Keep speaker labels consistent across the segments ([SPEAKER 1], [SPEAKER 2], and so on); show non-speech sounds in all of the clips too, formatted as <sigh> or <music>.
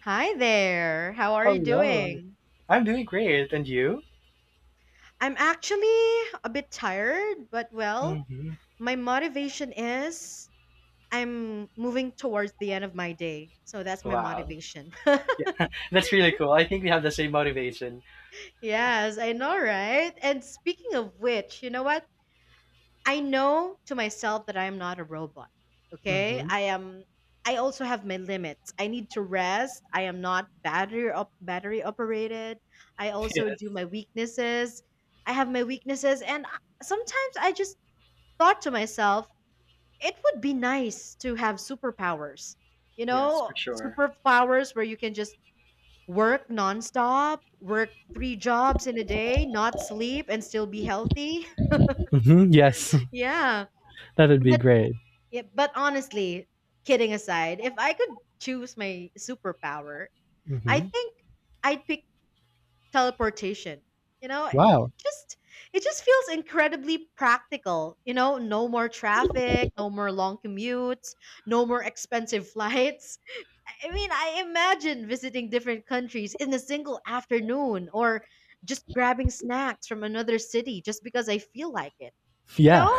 [SPEAKER 1] Hi there. How are you
[SPEAKER 2] Hello.
[SPEAKER 1] doing?
[SPEAKER 2] I'm doing great. And you?
[SPEAKER 1] I'm actually a bit tired, but well,
[SPEAKER 2] Hmm.
[SPEAKER 1] my motivation is I'm moving towards the end of my day. So that's my
[SPEAKER 2] Wow.
[SPEAKER 1] motivation. <laughs>
[SPEAKER 2] That's really cool. I think we have the same motivation.
[SPEAKER 1] Yes, I know, right? And speaking of which, you know what? I know to myself that I am not a robot. Okay?
[SPEAKER 2] Hmm.
[SPEAKER 1] I am I also have my limits. I need to rest. I am not battery operated. I also
[SPEAKER 2] Yes.
[SPEAKER 1] do my weaknesses. I have my weaknesses and sometimes I just thought to myself, it would be nice to have superpowers. You
[SPEAKER 2] Yes,
[SPEAKER 1] know,
[SPEAKER 2] for sure.
[SPEAKER 1] superpowers where you can just work nonstop, work three jobs in a day, not sleep and still be healthy.
[SPEAKER 2] Hmm. Yes.
[SPEAKER 1] <laughs>
[SPEAKER 2] <laughs>
[SPEAKER 1] yeah.
[SPEAKER 2] That would be great.
[SPEAKER 1] Yeah, but honestly, kidding aside, if I could choose my superpower, I
[SPEAKER 2] Hmm.
[SPEAKER 1] think I'd pick teleportation. You know,
[SPEAKER 2] Wow.
[SPEAKER 1] just it just feels incredibly practical. You know, no more traffic, no more long commutes, no more expensive <laughs> flights. I mean, I imagine visiting different countries in a single afternoon or just grabbing snacks from another city just because I feel like it. You know,
[SPEAKER 2] Yeah.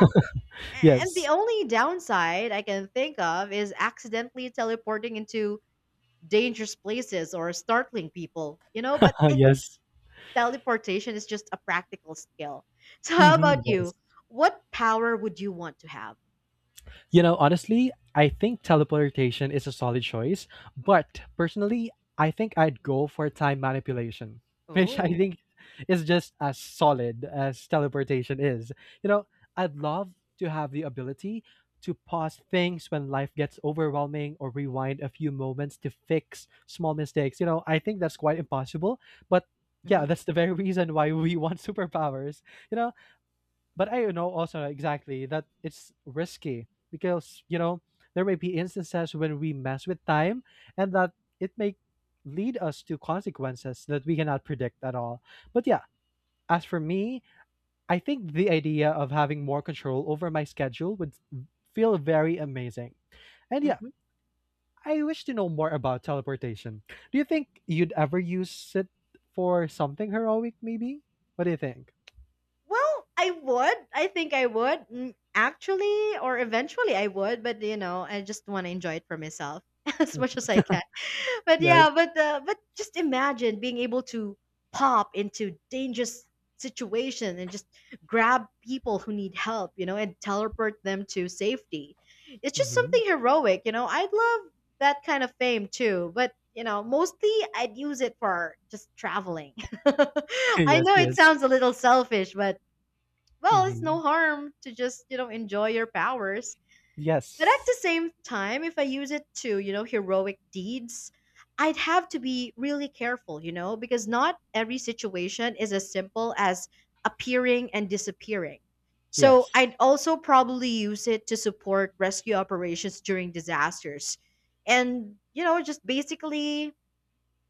[SPEAKER 2] <laughs>
[SPEAKER 1] and the
[SPEAKER 2] Yes.
[SPEAKER 1] only downside I can think of is accidentally teleporting into dangerous places or startling people, you know? But
[SPEAKER 2] <laughs>
[SPEAKER 1] I think
[SPEAKER 2] Yes.
[SPEAKER 1] teleportation is just a practical skill. <laughs> So, how about
[SPEAKER 2] Hmm. Yes.
[SPEAKER 1] you? What power would you want to have?
[SPEAKER 2] You know, honestly, I think teleportation is a solid choice, but personally, I think I'd go for time manipulation, <laughs> which I
[SPEAKER 1] Oh.
[SPEAKER 2] think is just as solid as teleportation is. You know, I'd love to have the ability to pause things when life gets overwhelming or rewind a few moments to fix small mistakes. You know, I think that's quite impossible, but
[SPEAKER 1] Hmm.
[SPEAKER 2] yeah, that's the very <laughs> reason why we want superpowers. You know, but I know also exactly that it's risky because there may be instances when we mess with time, and that it may lead us to consequences that we cannot predict at all. But yeah, as for me, I think the idea of having more control over my schedule would feel very amazing. And yeah,
[SPEAKER 1] Hmm.
[SPEAKER 2] I wish to know more about teleportation. Do you think you'd ever use it for something heroic maybe? What do you think?
[SPEAKER 1] Well, I would. I think I would. Mm, actually, or eventually, I would. But, you know, I just want to enjoy it for myself <laughs> as
[SPEAKER 2] Mm,
[SPEAKER 1] much as I can. But
[SPEAKER 2] yes.
[SPEAKER 1] yeah, but just imagine being able to pop into dangerous situation and just grab people who need help, you know, and teleport them to safety. It's just
[SPEAKER 2] Hmm.
[SPEAKER 1] something heroic, you know. I'd love that kind of fame too, but you know, mostly I'd use it for just traveling. <laughs>
[SPEAKER 2] <laughs>
[SPEAKER 1] I
[SPEAKER 2] Yes,
[SPEAKER 1] know it
[SPEAKER 2] yes.
[SPEAKER 1] sounds a little selfish, but well, it's no
[SPEAKER 2] Hmm.
[SPEAKER 1] harm to just, you know, enjoy your powers. But at
[SPEAKER 2] Yes.
[SPEAKER 1] the same time, if I use it to, you know, heroic deeds, I'd have to be really careful, you know, because not every situation is as simple as appearing and disappearing. So
[SPEAKER 2] Yes.
[SPEAKER 1] I'd also probably use it to support rescue operations during disasters and, you know, just basically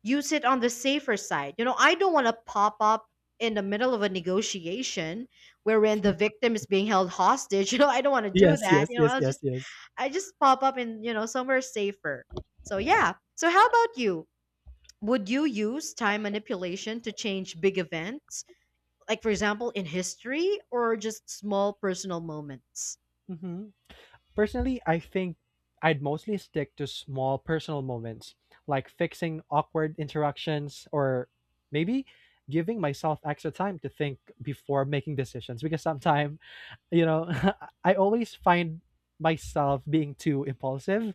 [SPEAKER 1] use it on the safer side. You know, I don't want to pop up in the middle of a negotiation wherein the victim is being held hostage. <laughs> You know, I don't want to do
[SPEAKER 2] Yes,
[SPEAKER 1] that.
[SPEAKER 2] yes,
[SPEAKER 1] You know,
[SPEAKER 2] yes, yes, yes.
[SPEAKER 1] I just pop up in, you know, somewhere safer. So yeah. So how about you? Would you use time manipulation to change big events? Like for example in history or just small personal moments?
[SPEAKER 2] Mhm. Personally, I think I'd mostly stick to small personal moments, like fixing awkward interactions or maybe giving myself extra time to think before making decisions because sometimes, you know, <laughs> I always find myself being too impulsive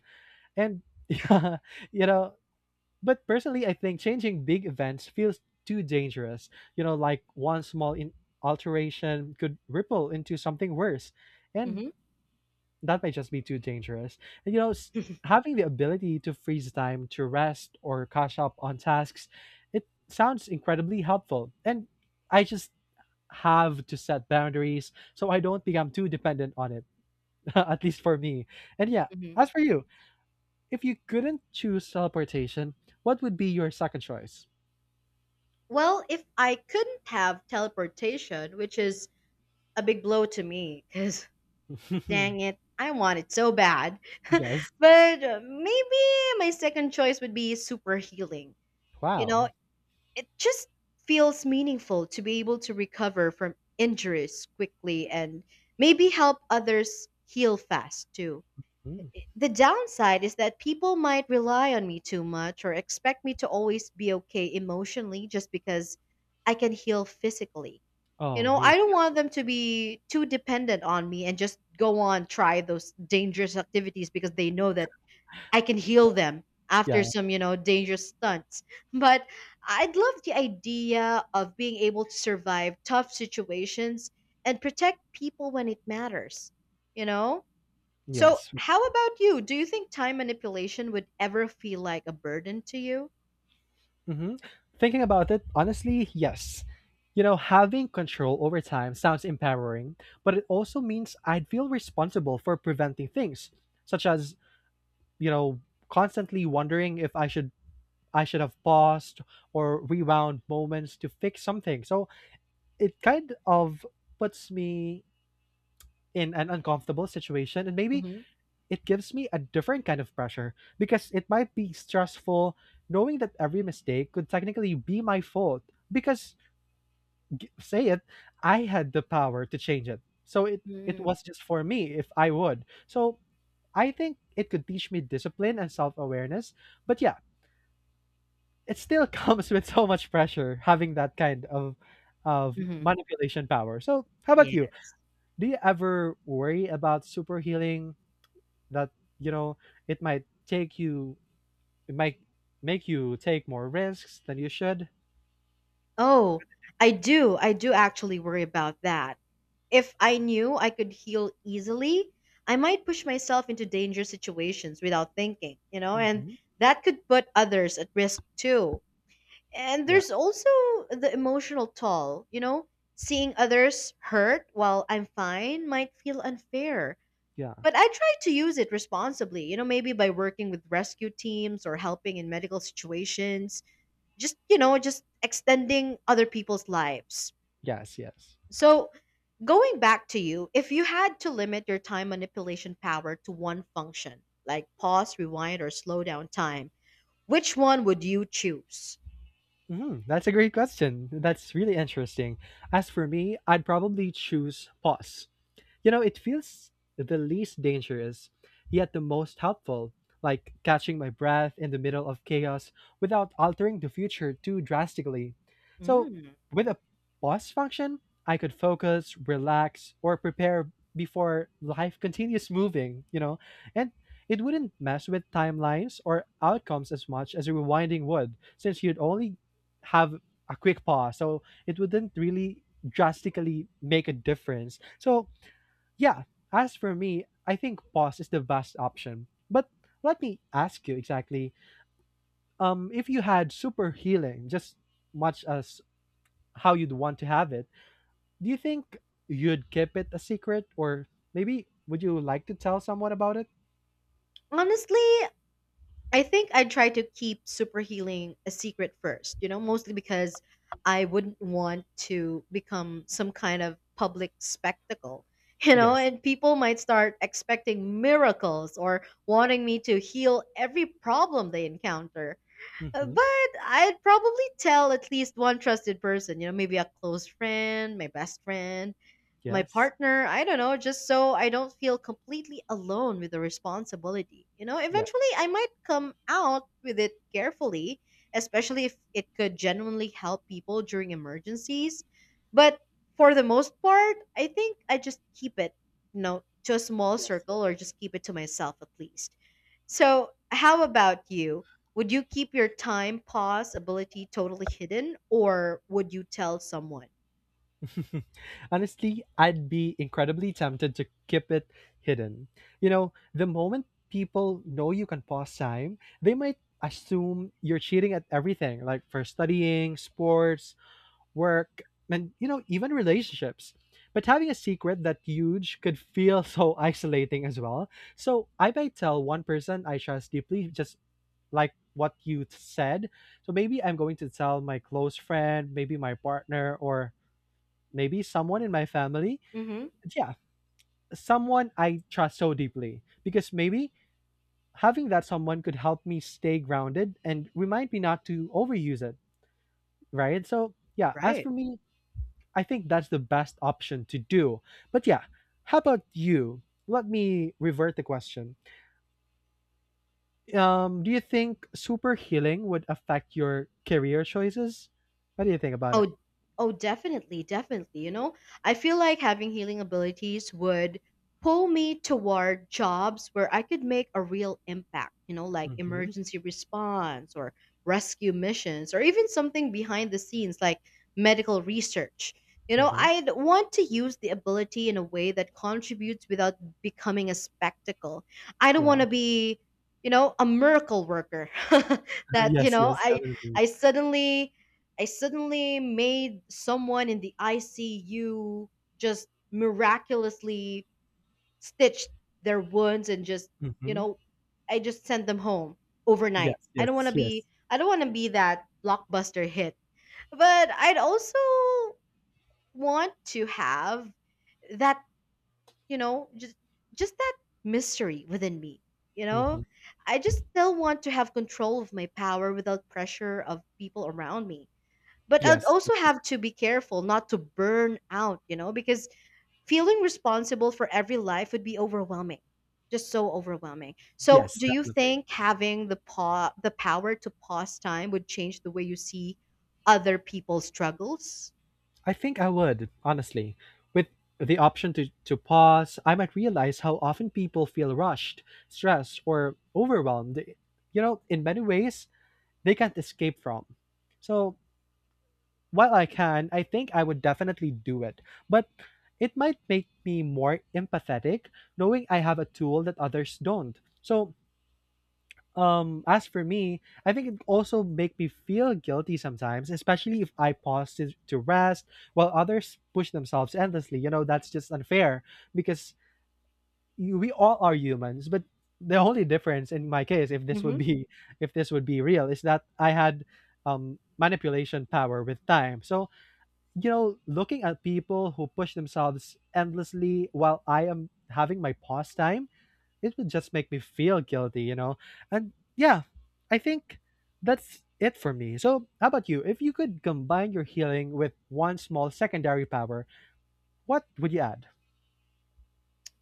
[SPEAKER 2] and <laughs> yeah, you know, But personally, I think changing big events feels too dangerous. You know, like one small alteration could ripple into something worse, and
[SPEAKER 1] Hmm.
[SPEAKER 2] that might just be too dangerous. And you know,
[SPEAKER 1] <laughs>
[SPEAKER 2] having the ability to freeze time to rest or catch up on tasks, it sounds incredibly helpful. And I just have to set boundaries so I don't become too dependent on it, <laughs> at least for me. And yeah,
[SPEAKER 1] Hmm.
[SPEAKER 2] as for you, if you couldn't choose teleportation, what would be your second choice?
[SPEAKER 1] Well, if I couldn't have teleportation, which is a big blow to me, because <laughs> dang it,
[SPEAKER 2] <laughs>
[SPEAKER 1] I want it so bad. <laughs>
[SPEAKER 2] Yes.
[SPEAKER 1] but Maybe my second choice would be super healing. You know,
[SPEAKER 2] Wow.
[SPEAKER 1] it just feels meaningful to be able to recover from injuries quickly and maybe help others heal fast too.
[SPEAKER 2] Mm.
[SPEAKER 1] The downside is that people might rely on me too much or expect me to always be okay emotionally just because I can heal physically. You
[SPEAKER 2] Oh,
[SPEAKER 1] know, I
[SPEAKER 2] me.
[SPEAKER 1] don't
[SPEAKER 2] Yeah.
[SPEAKER 1] want them to be too dependent on me and just go on try those dangerous activities because they know that I can
[SPEAKER 2] Yeah.
[SPEAKER 1] heal them after
[SPEAKER 2] Yeah.
[SPEAKER 1] some, you know, dangerous stunts. But I'd love the idea of being able to survive tough situations and protect people when it matters, you know? So,
[SPEAKER 2] Yes.
[SPEAKER 1] how about you? Do you think time manipulation would ever feel like a burden to you?
[SPEAKER 2] Hmm. Thinking about it, honestly, yes. You know, having control over time sounds empowering, but it also means I'd feel responsible for preventing things, such as, you know, constantly wondering if I should have paused or rewound moments to fix something. So it kind of puts me in an uncomfortable situation, and maybe
[SPEAKER 1] Mm-hmm.
[SPEAKER 2] it gives me a different kind of pressure because it might be stressful knowing that every mistake could technically be my fault because, say it, I had the power to change it, so it
[SPEAKER 1] Mm-hmm.
[SPEAKER 2] was just for me if I would. So I think it could teach me discipline and self-awareness, but yeah, it still <laughs> comes with so much pressure, having that kind of manipulation power. So how about you?
[SPEAKER 1] Yes.
[SPEAKER 2] Do you ever worry about super healing that you know it might it might make you take more risks than you should?
[SPEAKER 1] Oh, I do. I do actually worry about that. If I knew I could heal easily, I might push myself into dangerous situations without thinking, you know, and
[SPEAKER 2] Hmm.
[SPEAKER 1] that could put others at risk too. And
[SPEAKER 2] Yes.
[SPEAKER 1] there's also the emotional toll, you know, seeing others hurt while I'm fine might feel unfair.
[SPEAKER 2] Yeah.
[SPEAKER 1] But I try to use it responsibly, you know, maybe by working with rescue teams or helping in medical situations, just, you know, just extending other people's lives.
[SPEAKER 2] Yes. Yes.
[SPEAKER 1] So going back to you, if you had to limit your time manipulation power to one function, like pause, rewind, or slow down time, which one would you choose?
[SPEAKER 2] Hmm. That's a great question. That's really interesting. As for me, I'd probably choose pause. You know, it feels the least dangerous, yet the most helpful, like catching my breath in the middle of chaos without altering the future too drastically. So,
[SPEAKER 1] Mm.
[SPEAKER 2] with a pause function, I could focus, relax, or prepare before life continues moving, you know, and it wouldn't mess with timelines or outcomes as much as rewinding would, since you'd only have a quick pause. So, it wouldn't really drastically make a difference. So, yeah, as for me, I think pause is the best option. But let me ask you exactly, if you had super healing, just much as how you'd want to have it, do you think you'd keep it a secret or maybe would you like to tell someone about it?
[SPEAKER 1] Honestly, I think I'd try to keep super healing a secret first, you know, mostly because I wouldn't want to become some kind of public spectacle, <laughs> you know,
[SPEAKER 2] Yes.
[SPEAKER 1] and people might start expecting miracles or wanting me to heal every problem they encounter. Uh,
[SPEAKER 2] Mm-hmm.
[SPEAKER 1] But I'd probably tell at least one trusted person, you know, maybe a close friend, my best friend, my
[SPEAKER 2] Yes.
[SPEAKER 1] partner, I don't know, just so I don't feel completely alone with the responsibility. You know,
[SPEAKER 2] Yes.
[SPEAKER 1] eventually I might come out with it carefully, especially if it could genuinely help people during emergencies. But for the most part, I think I just keep it, you know, to a small
[SPEAKER 2] Yes. Yes.
[SPEAKER 1] circle or just keep it to myself at least. So, how about you? Would you keep your time pause ability totally hidden or would you tell someone?
[SPEAKER 2] <laughs> Honestly, I'd be incredibly tempted to keep it hidden. You know, the moment people know you can pause time, they might assume you're cheating at everything, like for studying, sports, work, and, even relationships. But having a secret that huge could feel <laughs> so isolating as well. So I might tell one person I trust deeply, just like what you said. So maybe I'm going to tell my close friend, maybe my partner, or maybe someone in my family.
[SPEAKER 1] Mm-hmm.
[SPEAKER 2] Yeah, someone I trust so deeply, because maybe having that someone could help me stay grounded and remind me not to overuse it. Right. So yeah, as
[SPEAKER 1] Right.
[SPEAKER 2] for me, I think that's the best option to do. But yeah, how about you? Let me revert the question. Do you think super healing would affect your career choices? What do you think about it?
[SPEAKER 1] Oh, oh, definitely, definitely. You know, I feel like having healing abilities would pull me toward jobs where I could make a real impact, you know, like
[SPEAKER 2] Mm-hmm.
[SPEAKER 1] emergency response or rescue missions or even something behind the scenes like medical research. You know,
[SPEAKER 2] Mm-hmm.
[SPEAKER 1] I'd want to use the ability in a way that contributes without becoming a spectacle. I don't want
[SPEAKER 2] Yeah.
[SPEAKER 1] to be, you know, a miracle worker <laughs>
[SPEAKER 2] <laughs>
[SPEAKER 1] that, you
[SPEAKER 2] Yes.
[SPEAKER 1] know,
[SPEAKER 2] Yes.
[SPEAKER 1] I
[SPEAKER 2] Definitely.
[SPEAKER 1] I suddenly I suddenly made someone in the ICU just miraculously stitched their wounds and just, you
[SPEAKER 2] Mm-hmm.
[SPEAKER 1] know, I just sent them home overnight.
[SPEAKER 2] Yes. Yes. Yes.
[SPEAKER 1] I don't want to be that blockbuster hit. But I'd also want to have that, you know, just that mystery within me, you know?
[SPEAKER 2] Mm-hmm.
[SPEAKER 1] I just still want to have control of my power without pressure of people around me but I'd
[SPEAKER 2] Yes. For
[SPEAKER 1] also
[SPEAKER 2] sure.
[SPEAKER 1] have to be careful not to burn out, you know, because feeling responsible for every life would be overwhelming. Just so overwhelming. So,
[SPEAKER 2] Yes.
[SPEAKER 1] do you
[SPEAKER 2] Definitely.
[SPEAKER 1] think having the power to pause time would change the way you see other people's struggles?
[SPEAKER 2] I think I would, honestly. With the option to pause, I might realize how often people feel rushed, stressed, or overwhelmed, in many ways they can't escape from. So while I can, I think I would definitely do it. But it might make me more empathetic, knowing I have a tool that others don't. So, as for me, I think it also make me feel guilty sometimes, especially if I pause to rest while others push themselves endlessly. You know, that's just unfair because, we all are humans, but the only difference in my case, if this would
[SPEAKER 1] Hmm.
[SPEAKER 2] be <laughs> if this would be real, is that I had manipulation power with time. So, looking at people who push themselves endlessly while I am having my pause time, it would just make me feel guilty, you know? And yeah, I think that's it for me. So, how about you? If you could combine your healing with one small secondary power, what would you add?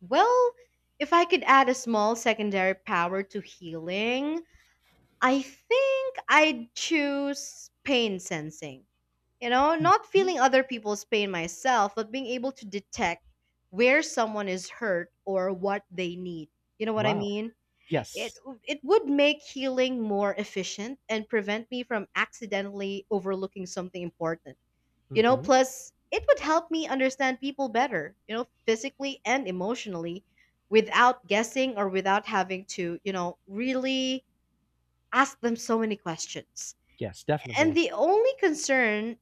[SPEAKER 1] Well, if I could add a small secondary power to healing, I think I'd choose pain sensing. You know, not
[SPEAKER 2] Mhm.
[SPEAKER 1] feeling other people's pain myself, but being able to detect where someone is hurt or what they need. You know what I
[SPEAKER 2] Wow.
[SPEAKER 1] mean? It
[SPEAKER 2] Yes.
[SPEAKER 1] it would make healing more efficient and prevent me from accidentally overlooking something important. You know,
[SPEAKER 2] Hmm.
[SPEAKER 1] plus it would help me understand people better, you know, physically and emotionally without guessing or without having to, you know, really ask them so many questions.
[SPEAKER 2] Yes,
[SPEAKER 1] And
[SPEAKER 2] definitely.
[SPEAKER 1] the only concern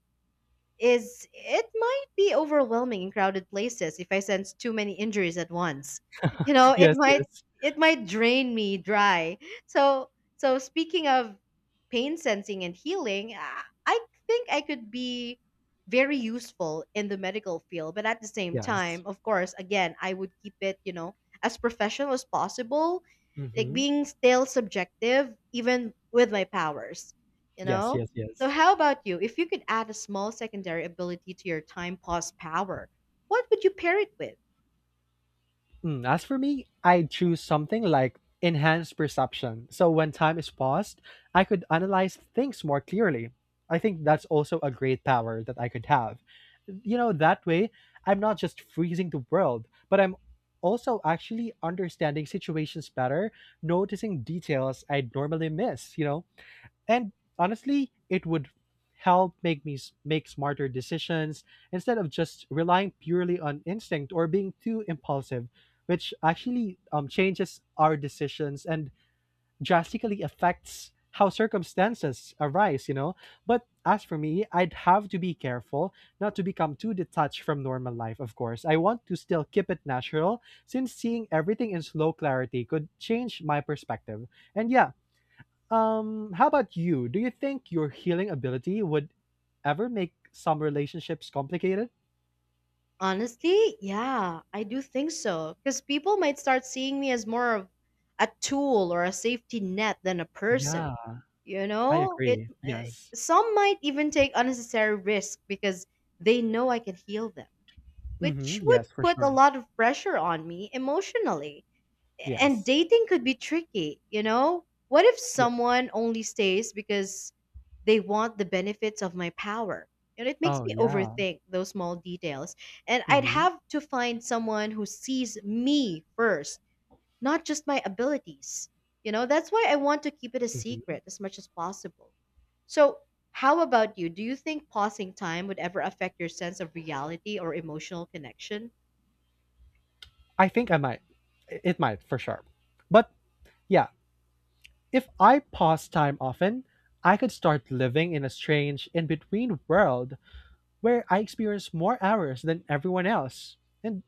[SPEAKER 1] is it might be overwhelming in crowded places if I sense too many injuries at once. You
[SPEAKER 2] <laughs>
[SPEAKER 1] know, it
[SPEAKER 2] Yes,
[SPEAKER 1] might
[SPEAKER 2] yes,
[SPEAKER 1] it might drain me dry. So speaking of pain sensing and healing, I think I could be very useful in the medical field, but at the same time,
[SPEAKER 2] yes.
[SPEAKER 1] of course, again, I would keep it, you know, as professional as possible, like
[SPEAKER 2] Hmm.
[SPEAKER 1] being still subjective even with my powers, you
[SPEAKER 2] Yes,
[SPEAKER 1] know?
[SPEAKER 2] yes,
[SPEAKER 1] So,
[SPEAKER 2] yes.
[SPEAKER 1] how about you? If you could add a small secondary ability to your time pause power, what would you pair it with?
[SPEAKER 2] As for me, I'd choose something like enhanced perception. So when time is paused, I could analyze things more clearly. I think that's also a great power that I could have. You know, that way, I'm not just freezing the world, but I'm also actually understanding situations better, noticing details I'd normally miss, you know? And honestly, it would help make make smarter decisions instead of just relying purely on instinct or being too impulsive, which actually, changes our decisions and drastically affects how circumstances arise, you know. But as for me, I'd have to be careful not to become too detached from normal life, of course. I want to still keep it natural, since seeing everything in slow clarity could change my perspective. And yeah, how about you? Do you think your healing ability would ever make some relationships complicated?
[SPEAKER 1] Honestly, yeah, I do think so. Because people might start seeing me as more of a tool or a safety net than a person.
[SPEAKER 2] Yeah,
[SPEAKER 1] You
[SPEAKER 2] I
[SPEAKER 1] know, it.
[SPEAKER 2] agree.
[SPEAKER 1] Uh,
[SPEAKER 2] Yes.
[SPEAKER 1] some might even take unnecessary risk because they know I can heal them, which
[SPEAKER 2] Mm-hmm.
[SPEAKER 1] would
[SPEAKER 2] Yes, for
[SPEAKER 1] put a
[SPEAKER 2] sure.
[SPEAKER 1] lot of pressure on me emotionally. And
[SPEAKER 2] Yes.
[SPEAKER 1] dating could be tricky, you know? What if
[SPEAKER 2] Yeah.
[SPEAKER 1] someone only stays because they want the benefits of my power? And it makes
[SPEAKER 2] Oh,
[SPEAKER 1] me
[SPEAKER 2] yeah.
[SPEAKER 1] overthink those small details. And I'd
[SPEAKER 2] Mm-hmm.
[SPEAKER 1] have to find someone who sees me first, not just my abilities. You know, that's why I want to keep it a
[SPEAKER 2] Mm-hmm.
[SPEAKER 1] secret as much as possible. So, how about you? Do you think pausing time would ever affect your sense of reality or emotional connection?
[SPEAKER 2] I think I might. It might, for sure. But yeah, if I pause time often, I could start living in a strange in between world where I experience more hours than everyone else. And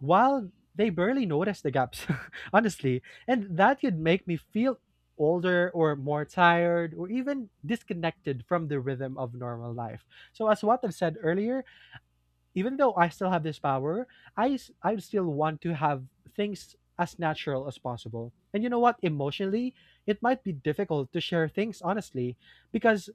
[SPEAKER 2] while they barely notice the gaps, <laughs> honestly. And that could make me feel older or more tired or even disconnected from the rhythm of normal life. So, as what I've said earlier, even though I still have this power, I still want to have things as natural as possible. And you know what? Emotionally, it might be difficult to share things honestly, because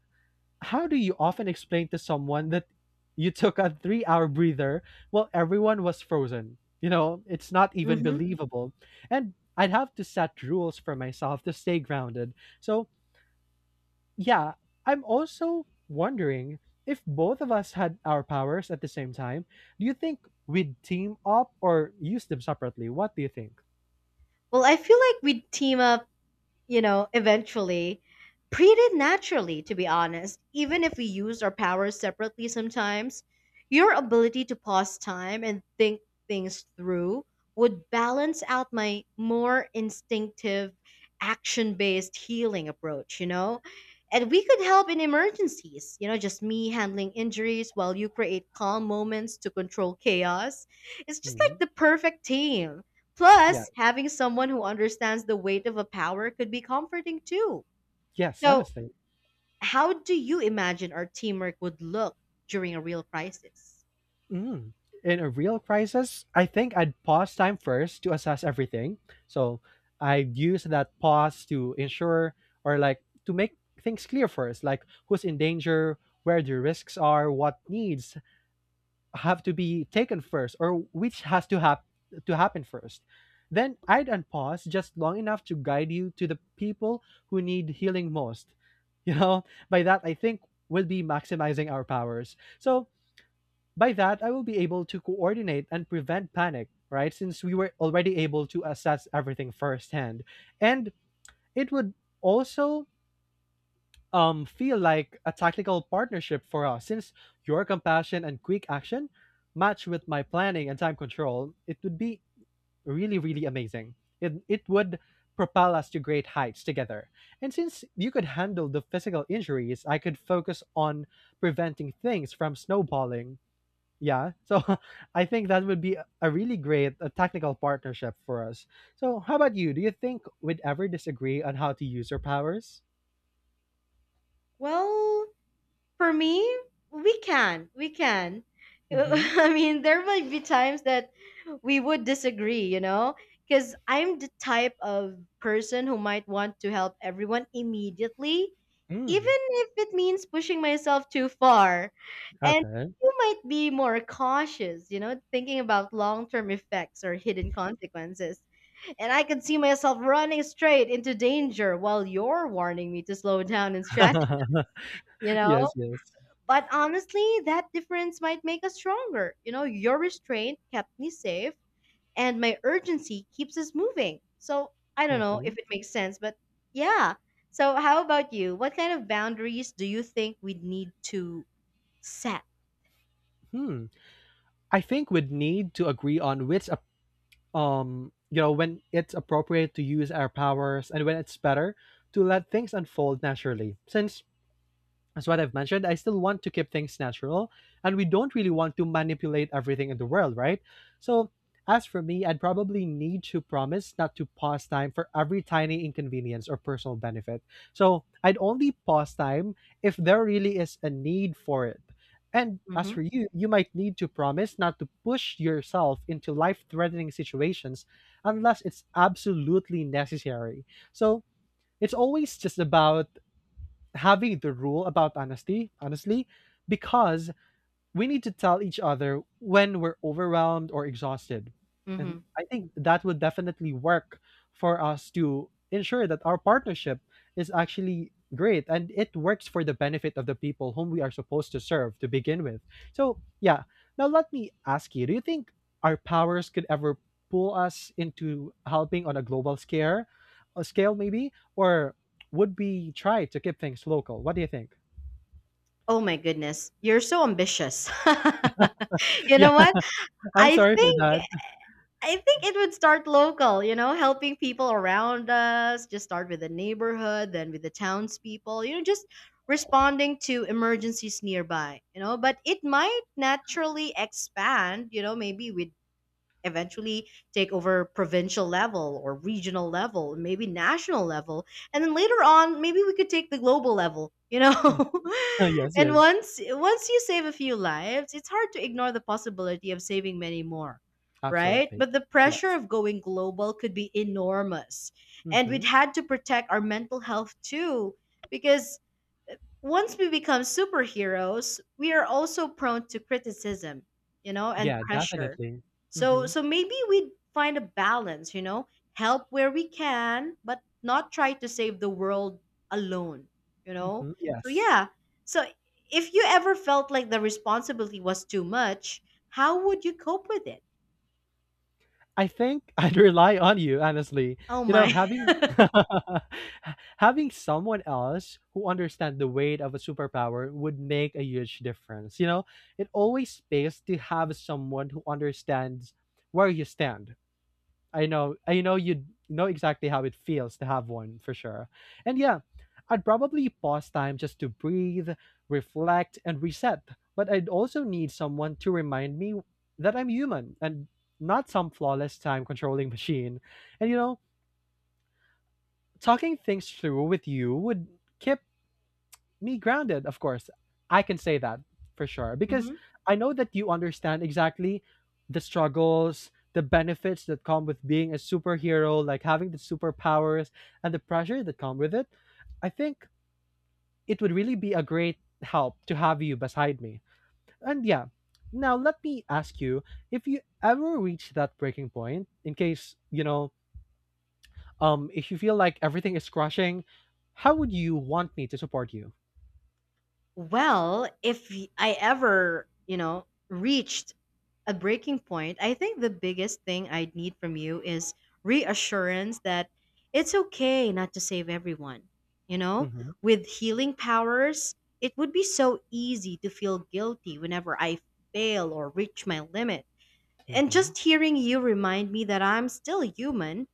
[SPEAKER 2] how do you often explain to someone that you took a 3-hour breather while everyone was frozen? You know, it's not even
[SPEAKER 1] Hmm.
[SPEAKER 2] believable. And I'd have to set rules for myself to stay grounded. So, yeah, I'm also wondering, if both of us had our powers at the same time, do you think we'd team up or use them separately? What do you think?
[SPEAKER 1] Well, I feel like we'd team up you know, eventually, pretty naturally, to be honest. Even if we use our powers separately sometimes, your ability to pause time and think things through would balance out my more instinctive, action based healing approach, you know? And we could help in emergencies, you know, just me handling injuries while you create calm moments to control chaos. It's just like
[SPEAKER 2] Mhm.
[SPEAKER 1] the perfect team.
[SPEAKER 2] Yeah.
[SPEAKER 1] Plus, having someone who understands the weight of a power could be comforting too.
[SPEAKER 2] Yes.
[SPEAKER 1] So,
[SPEAKER 2] Honestly.
[SPEAKER 1] how do you imagine our teamwork would look during a real crisis?
[SPEAKER 2] Mm. In a real crisis, I think I'd pause time first to assess everything. So I'd use that pause to ensure, or like, to make things clear first, like who's in danger, where the risks are, what needs have to be taken first, or which has to to happen first. Then I'd unpause just long enough to guide you to the people who need healing most. You know, by that I think we'll be maximizing our powers. So by that, I will be able to coordinate and prevent panic, right? Since we were already able to assess everything firsthand. And it would also, feel like a tactical partnership for us, since your compassion and quick action match with my planning and time control. It would be really, really amazing. It would propel us to great heights together. And since you could handle the physical injuries, I could focus on preventing things from snowballing. Yeah. So <laughs> I think that would be a really great technical partnership for us. So how about you? Do you think we'd ever disagree on how to use our powers?
[SPEAKER 1] Well, for me, we can. We can. <laughs>
[SPEAKER 2] Mm-hmm.
[SPEAKER 1] I mean, there might be times that we would disagree, you know? Because I'm the type of person who might want to help everyone immediately,
[SPEAKER 2] Mm.
[SPEAKER 1] even if it means pushing myself too far. And
[SPEAKER 2] Okay.
[SPEAKER 1] you might be more cautious, you know, thinking about long term effects or hidden consequences. And I could see myself running straight into danger while you're warning me to slow down and strategy, you
[SPEAKER 2] <laughs>
[SPEAKER 1] know?
[SPEAKER 2] Yes, yes.
[SPEAKER 1] But honestly, that difference might make us stronger. You know, your restraint kept me safe and my urgency keeps us moving. So I don't know
[SPEAKER 2] Mm-hmm.
[SPEAKER 1] if it makes sense, but yeah. So how about you? What kind of boundaries do you think we need to set?
[SPEAKER 2] Hmm. I think we'd need to agree on when it's appropriate to use our powers and when it's better to let things unfold naturally. Since as what I've mentioned, I still want to keep things natural and we don't really want to manipulate everything in the world, right? So, as for me, I'd probably need to promise not to pause time for every tiny inconvenience or personal benefit. So, I'd only pause time if there really is a need for it. And as
[SPEAKER 1] hmm
[SPEAKER 2] for you, you might need to promise not to push yourself into life threatening situations unless it's absolutely necessary. So, it's always just about having the rule about honesty, honestly, because we need to tell each other when we're overwhelmed or exhausted. And
[SPEAKER 1] hmm
[SPEAKER 2] I think that would definitely work for us to ensure that our partnership is actually great and it works for the benefit of the people whom we are supposed to serve to begin with. So, yeah, now let me ask you, do you think our powers could ever pull us into helping on a global scale, a scale maybe? Or would we try to keep things local? What do you think?
[SPEAKER 1] Oh my goodness, you're so ambitious. <laughs>
[SPEAKER 2] <laughs>
[SPEAKER 1] You
[SPEAKER 2] Yeah,
[SPEAKER 1] know what?
[SPEAKER 2] I'm
[SPEAKER 1] I
[SPEAKER 2] sorry for
[SPEAKER 1] think
[SPEAKER 2] that.
[SPEAKER 1] I think it would start local, you know, helping people around us. Just start with the neighborhood, then with the townspeople, you know, just responding to emergencies nearby, you know. But it might naturally expand, you know, maybe with eventually take over provincial level or regional level, maybe national level, and then later on, maybe we could take the global level, you know?
[SPEAKER 2] <laughs>
[SPEAKER 1] <laughs>
[SPEAKER 2] Yes,
[SPEAKER 1] And
[SPEAKER 2] yes.
[SPEAKER 1] once you save a few lives, it's hard to ignore the possibility of saving many more, right?
[SPEAKER 2] Absolutely.
[SPEAKER 1] But the pressure
[SPEAKER 2] Yes.
[SPEAKER 1] of going global could be enormous. And we'd
[SPEAKER 2] Mhm.
[SPEAKER 1] had to protect our mental health too, because once we become superheroes, we are also prone to criticism, you know, and
[SPEAKER 2] Yeah,
[SPEAKER 1] pressure.
[SPEAKER 2] definitely.
[SPEAKER 1] So
[SPEAKER 2] Mhm.
[SPEAKER 1] so maybe we find a balance, you know, help where we can, but not try to save the world alone, you know?
[SPEAKER 2] Mhm.
[SPEAKER 1] So
[SPEAKER 2] Yes.
[SPEAKER 1] yeah. So if you ever felt like the responsibility was too much, how would you cope with it?
[SPEAKER 2] I think <laughs> I'd rely on you, honestly.
[SPEAKER 1] Oh
[SPEAKER 2] You know,
[SPEAKER 1] my.
[SPEAKER 2] having <laughs>
[SPEAKER 1] <laughs>
[SPEAKER 2] having someone else who understands the weight of a superpower would make a huge difference. You know, it always pays to have someone who understands where you stand. I know. I know you know exactly how it feels to have one for sure. And yeah, I'd probably pause time just to breathe, reflect, and reset. But I'd also need someone to remind me that I'm human and not some flawless time controlling <laughs> machine. And you know, talking things through with you would keep me grounded, of course. I can say that for sure because
[SPEAKER 1] Mhm.
[SPEAKER 2] I know that you understand exactly the struggles, the benefits that come with being a superhero, like having the superpowers and the pressure that come with it. I think it would really be a great help to have you beside me. And yeah, now let me ask you, if you ever reach that breaking point, in case, you know, if you feel like everything is crushing, how would you want me to support you?
[SPEAKER 1] Well, if y- I ever, you know, reached a breaking point, I think the biggest thing I'd need from you is reassurance that it's okay not to save everyone. You know,
[SPEAKER 2] Mm-hmm.
[SPEAKER 1] with healing powers, it would be so easy to feel guilty whenever I fail or reach my limit. And
[SPEAKER 2] Mm-hmm.
[SPEAKER 1] just hearing you remind me that I'm still human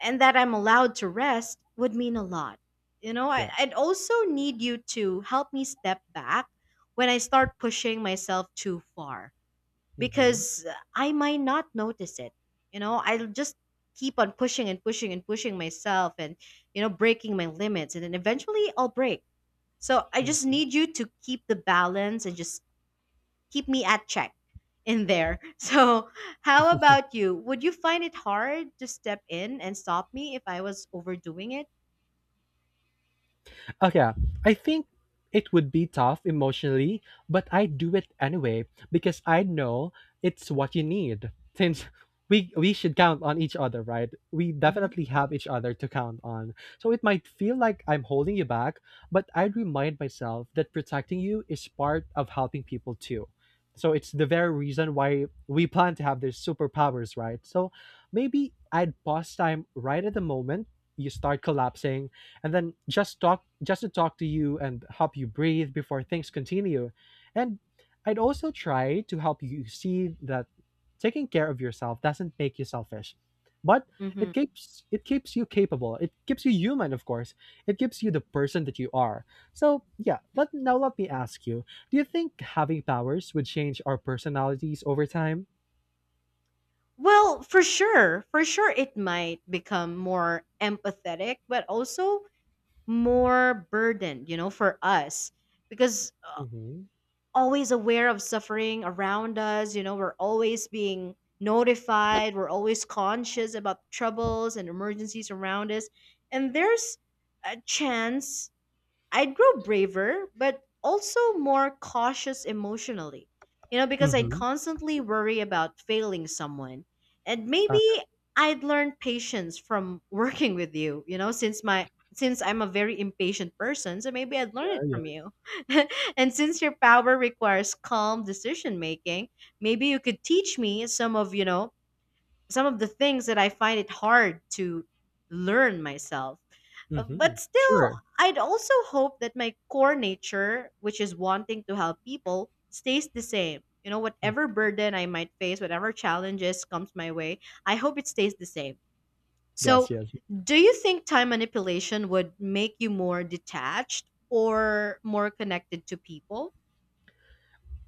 [SPEAKER 1] and that I'm allowed to rest would mean a lot. You know, I,
[SPEAKER 2] Yes.
[SPEAKER 1] I'd also need you to help me step back when I start pushing myself too far,
[SPEAKER 2] Mm-hmm.
[SPEAKER 1] because I might not notice it. You know, I'll just keep on pushing and pushing and pushing myself, and, you know, breaking my limits. And then eventually I'll break. So I just
[SPEAKER 2] Mm-hmm.
[SPEAKER 1] need you to keep the balance and just keep me at check in there. <laughs> So, how
[SPEAKER 2] <laughs>
[SPEAKER 1] about you? Would you find it hard to step in and stop me if I was overdoing it?
[SPEAKER 2] Okay, I think it would be tough emotionally, but I do it anyway because I know it's what you need. Since we should count on each other, right? We
[SPEAKER 1] hmm
[SPEAKER 2] definitely have each other to count on. So it might feel like I'm holding you back, but I remind myself that protecting you is part of helping people too. So it's the very reason why we plan to have these superpowers, right? So maybe I'd pause time right at the moment you start collapsing and then just to talk to you and help you breathe before things continue. And I'd also try to help you see that taking care of yourself doesn't make you selfish, but
[SPEAKER 1] hmm
[SPEAKER 2] it keeps you capable, it keeps you human, of course, it keeps you the person that you are. So yeah, let now let me ask you, do you think having powers would change our personalities over time?
[SPEAKER 1] Well, for sure, it might become more empathetic, but also more burden, you know, for us, because
[SPEAKER 2] Mm-hmm.
[SPEAKER 1] always aware of suffering around us, you know, we're always being notified, we're always conscious about troubles and emergencies around us. And there's a chance I grew braver, but also more cautious emotionally, you know, because I'd
[SPEAKER 2] Mm-hmm.
[SPEAKER 1] constantly worry about failing someone. And maybe
[SPEAKER 2] Okay.
[SPEAKER 1] I'd learn patience from <laughs> working with you, you know, since my since I'm a very impatient person, so maybe I'd learn
[SPEAKER 2] Yeah,
[SPEAKER 1] it from
[SPEAKER 2] yes.
[SPEAKER 1] you. <laughs> And since your power requires calm decision making, maybe you could teach me some of, you know, some of the things that I find it hard to learn myself.
[SPEAKER 2] Mm-hmm.
[SPEAKER 1] But still,
[SPEAKER 2] Sure.
[SPEAKER 1] I'd also hope that my core nature, which is wanting to help people, stays the same. You know,
[SPEAKER 2] Mm.
[SPEAKER 1] whatever burden I might face, whatever challenges comes my way, I hope it stays the same. So,
[SPEAKER 2] Yes, yes.
[SPEAKER 1] do you think time manipulation would make you more detached or more connected to people?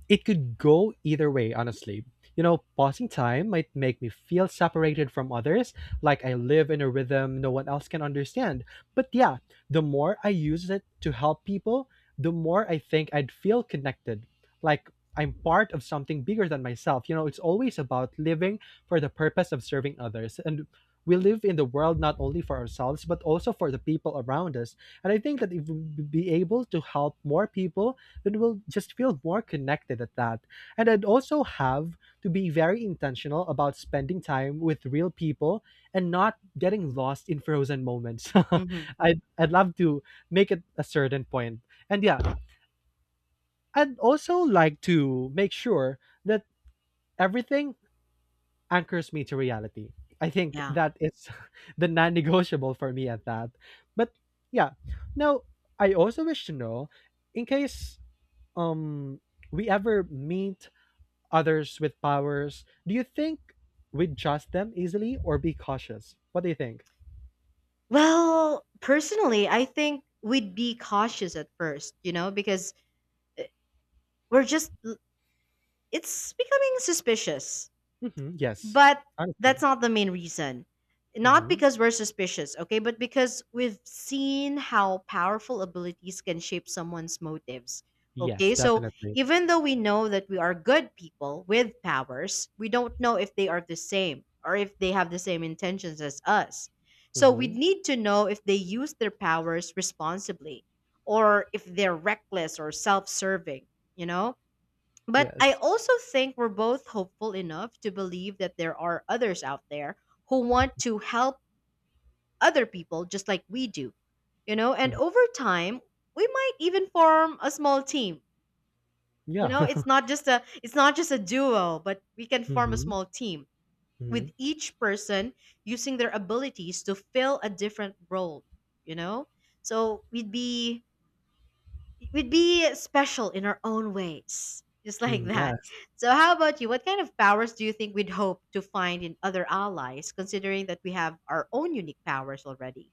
[SPEAKER 2] It could go either way, honestly. You know, pausing time might make me feel separated from others, like I live in a rhythm no one else can understand. But yeah, the more I use it to help people, the more I think I'd feel connected. Like I'm part of something bigger than myself. You know, it's always about living for the purpose of serving others. And we live in the world not only for ourselves, but also for the people around us. And I think that if we be able to help more people, then we'll just feel more connected at that. And I'd also have to be very intentional about spending time with real people and not getting lost in frozen moments.
[SPEAKER 1] Mm-hmm.
[SPEAKER 2] <laughs> I'd love to make it a certain point. And yeah, I'd also like to make sure that everything anchors me to reality. I think
[SPEAKER 1] Yeah.
[SPEAKER 2] that is <laughs> the non negotiable for me at that. But yeah, now I also wish to know, in case um we ever meet others with powers. Do you think we'd trust them easily or be cautious? What do you think?
[SPEAKER 1] Well, personally, I think we'd be cautious at first, you know, because we're just, it's becoming suspicious.
[SPEAKER 2] Hmm. Yes,
[SPEAKER 1] But that's
[SPEAKER 2] honestly.
[SPEAKER 1] not the main reason. Not
[SPEAKER 2] Hmm.
[SPEAKER 1] because we're suspicious, okay, but because we've seen how powerful abilities can shape someone's motives.
[SPEAKER 2] Yes,
[SPEAKER 1] Okay, so
[SPEAKER 2] definitely.
[SPEAKER 1] even though we know that we are good people with powers, we don't know if they are the same or if they have the same intentions as us. So we
[SPEAKER 2] Hmm.
[SPEAKER 1] need to know if they use their powers responsibly or if they're reckless or self serving, you know? But I
[SPEAKER 2] Yes.
[SPEAKER 1] also think we're both hopeful enough to believe that there are others out there who want to help other people just like we do, you know, and
[SPEAKER 2] Hmm.
[SPEAKER 1] over time, we might even form a small team. You
[SPEAKER 2] Yeah.
[SPEAKER 1] know, it's
[SPEAKER 2] <laughs>
[SPEAKER 1] not just a it's not just a duo, but we can form a
[SPEAKER 2] Hmm.
[SPEAKER 1] small team
[SPEAKER 2] Hmm.
[SPEAKER 1] with each person using their abilities to fill a different role, you know? So we'd be special in our own ways, just like
[SPEAKER 2] Hmm.
[SPEAKER 1] that.
[SPEAKER 2] Yes.
[SPEAKER 1] So, how about you? What kind of powers do you think we'd hope to find in other allies, considering that we have our own unique powers already?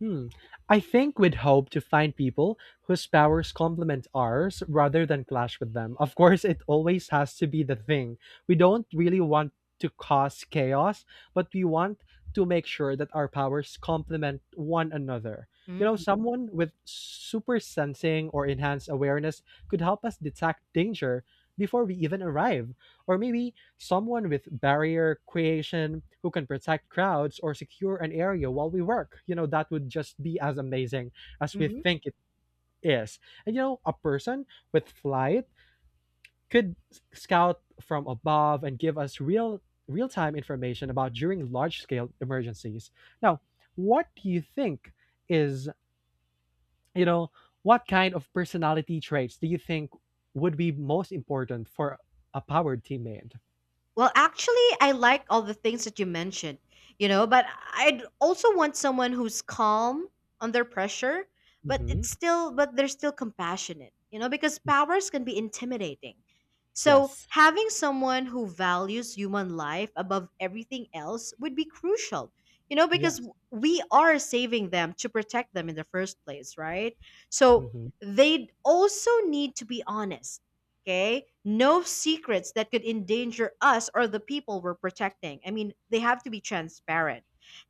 [SPEAKER 2] Hmm. I think we'd hope to find people whose powers complement ours rather than clash with them. Of course, it always has to be the thing. We don't really want to cause chaos, but we want to make sure that our powers complement one another. You know,
[SPEAKER 1] hmm
[SPEAKER 2] someone with super sensing or enhanced awareness could help us detect danger before we even arrive. Or maybe someone with barrier creation who can protect crowds or secure an area while we work. You know, that would just be as amazing as we think it is. And you know, a person with flight could scout from above and give us real-time information about during large-scale emergencies. Now, what do you think is, you know, what kind of personality traits do you think would be most important for a powered teammate?
[SPEAKER 1] Well, actually, I like all the things that you mentioned, you know, but I'd also want someone who's calm under pressure, but it's
[SPEAKER 2] Mhm.
[SPEAKER 1] still, but they're still compassionate, you know, because powers can be intimidating. So
[SPEAKER 2] Yes.
[SPEAKER 1] having someone who values human life above everything else would be crucial, you know, because
[SPEAKER 2] Yes.
[SPEAKER 1] we are saving them to protect them in the first place, right? So
[SPEAKER 2] Hmm.
[SPEAKER 1] they'd also need to be honest. Okay? No secrets that could endanger us or the people we're protecting. I mean, they have to be transparent.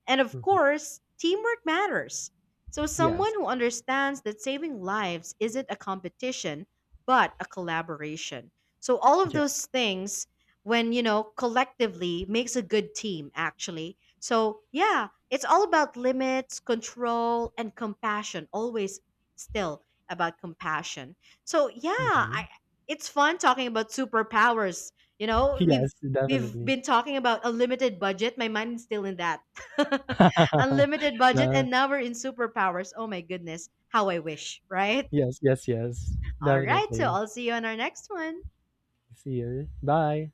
[SPEAKER 1] And of
[SPEAKER 2] Hmm.
[SPEAKER 1] course, teamwork matters. So, someone
[SPEAKER 2] Yes.
[SPEAKER 1] who understands that saving lives isn't a competition, but a collaboration. So, all of
[SPEAKER 2] Yes.
[SPEAKER 1] those things, when, you know, collectively makes a good team, actually. So, yeah, it's all about limits, control, and compassion, always still about compassion. So, yeah,
[SPEAKER 2] Hmm.
[SPEAKER 1] I, it's fun talking about superpowers. You know, we've
[SPEAKER 2] Yes,
[SPEAKER 1] we've
[SPEAKER 2] definitely.
[SPEAKER 1] been talking about unlimited budget. My mind is still in that. <laughs>
[SPEAKER 2] <laughs>
[SPEAKER 1] Unlimited budget
[SPEAKER 2] Yeah.
[SPEAKER 1] and now we're in superpowers. Oh my goodness, how I wish, right?
[SPEAKER 2] Yes, yes, yes.
[SPEAKER 1] All right, so
[SPEAKER 2] Definitely.
[SPEAKER 1] I'll see you on our next one.
[SPEAKER 2] See you. Bye.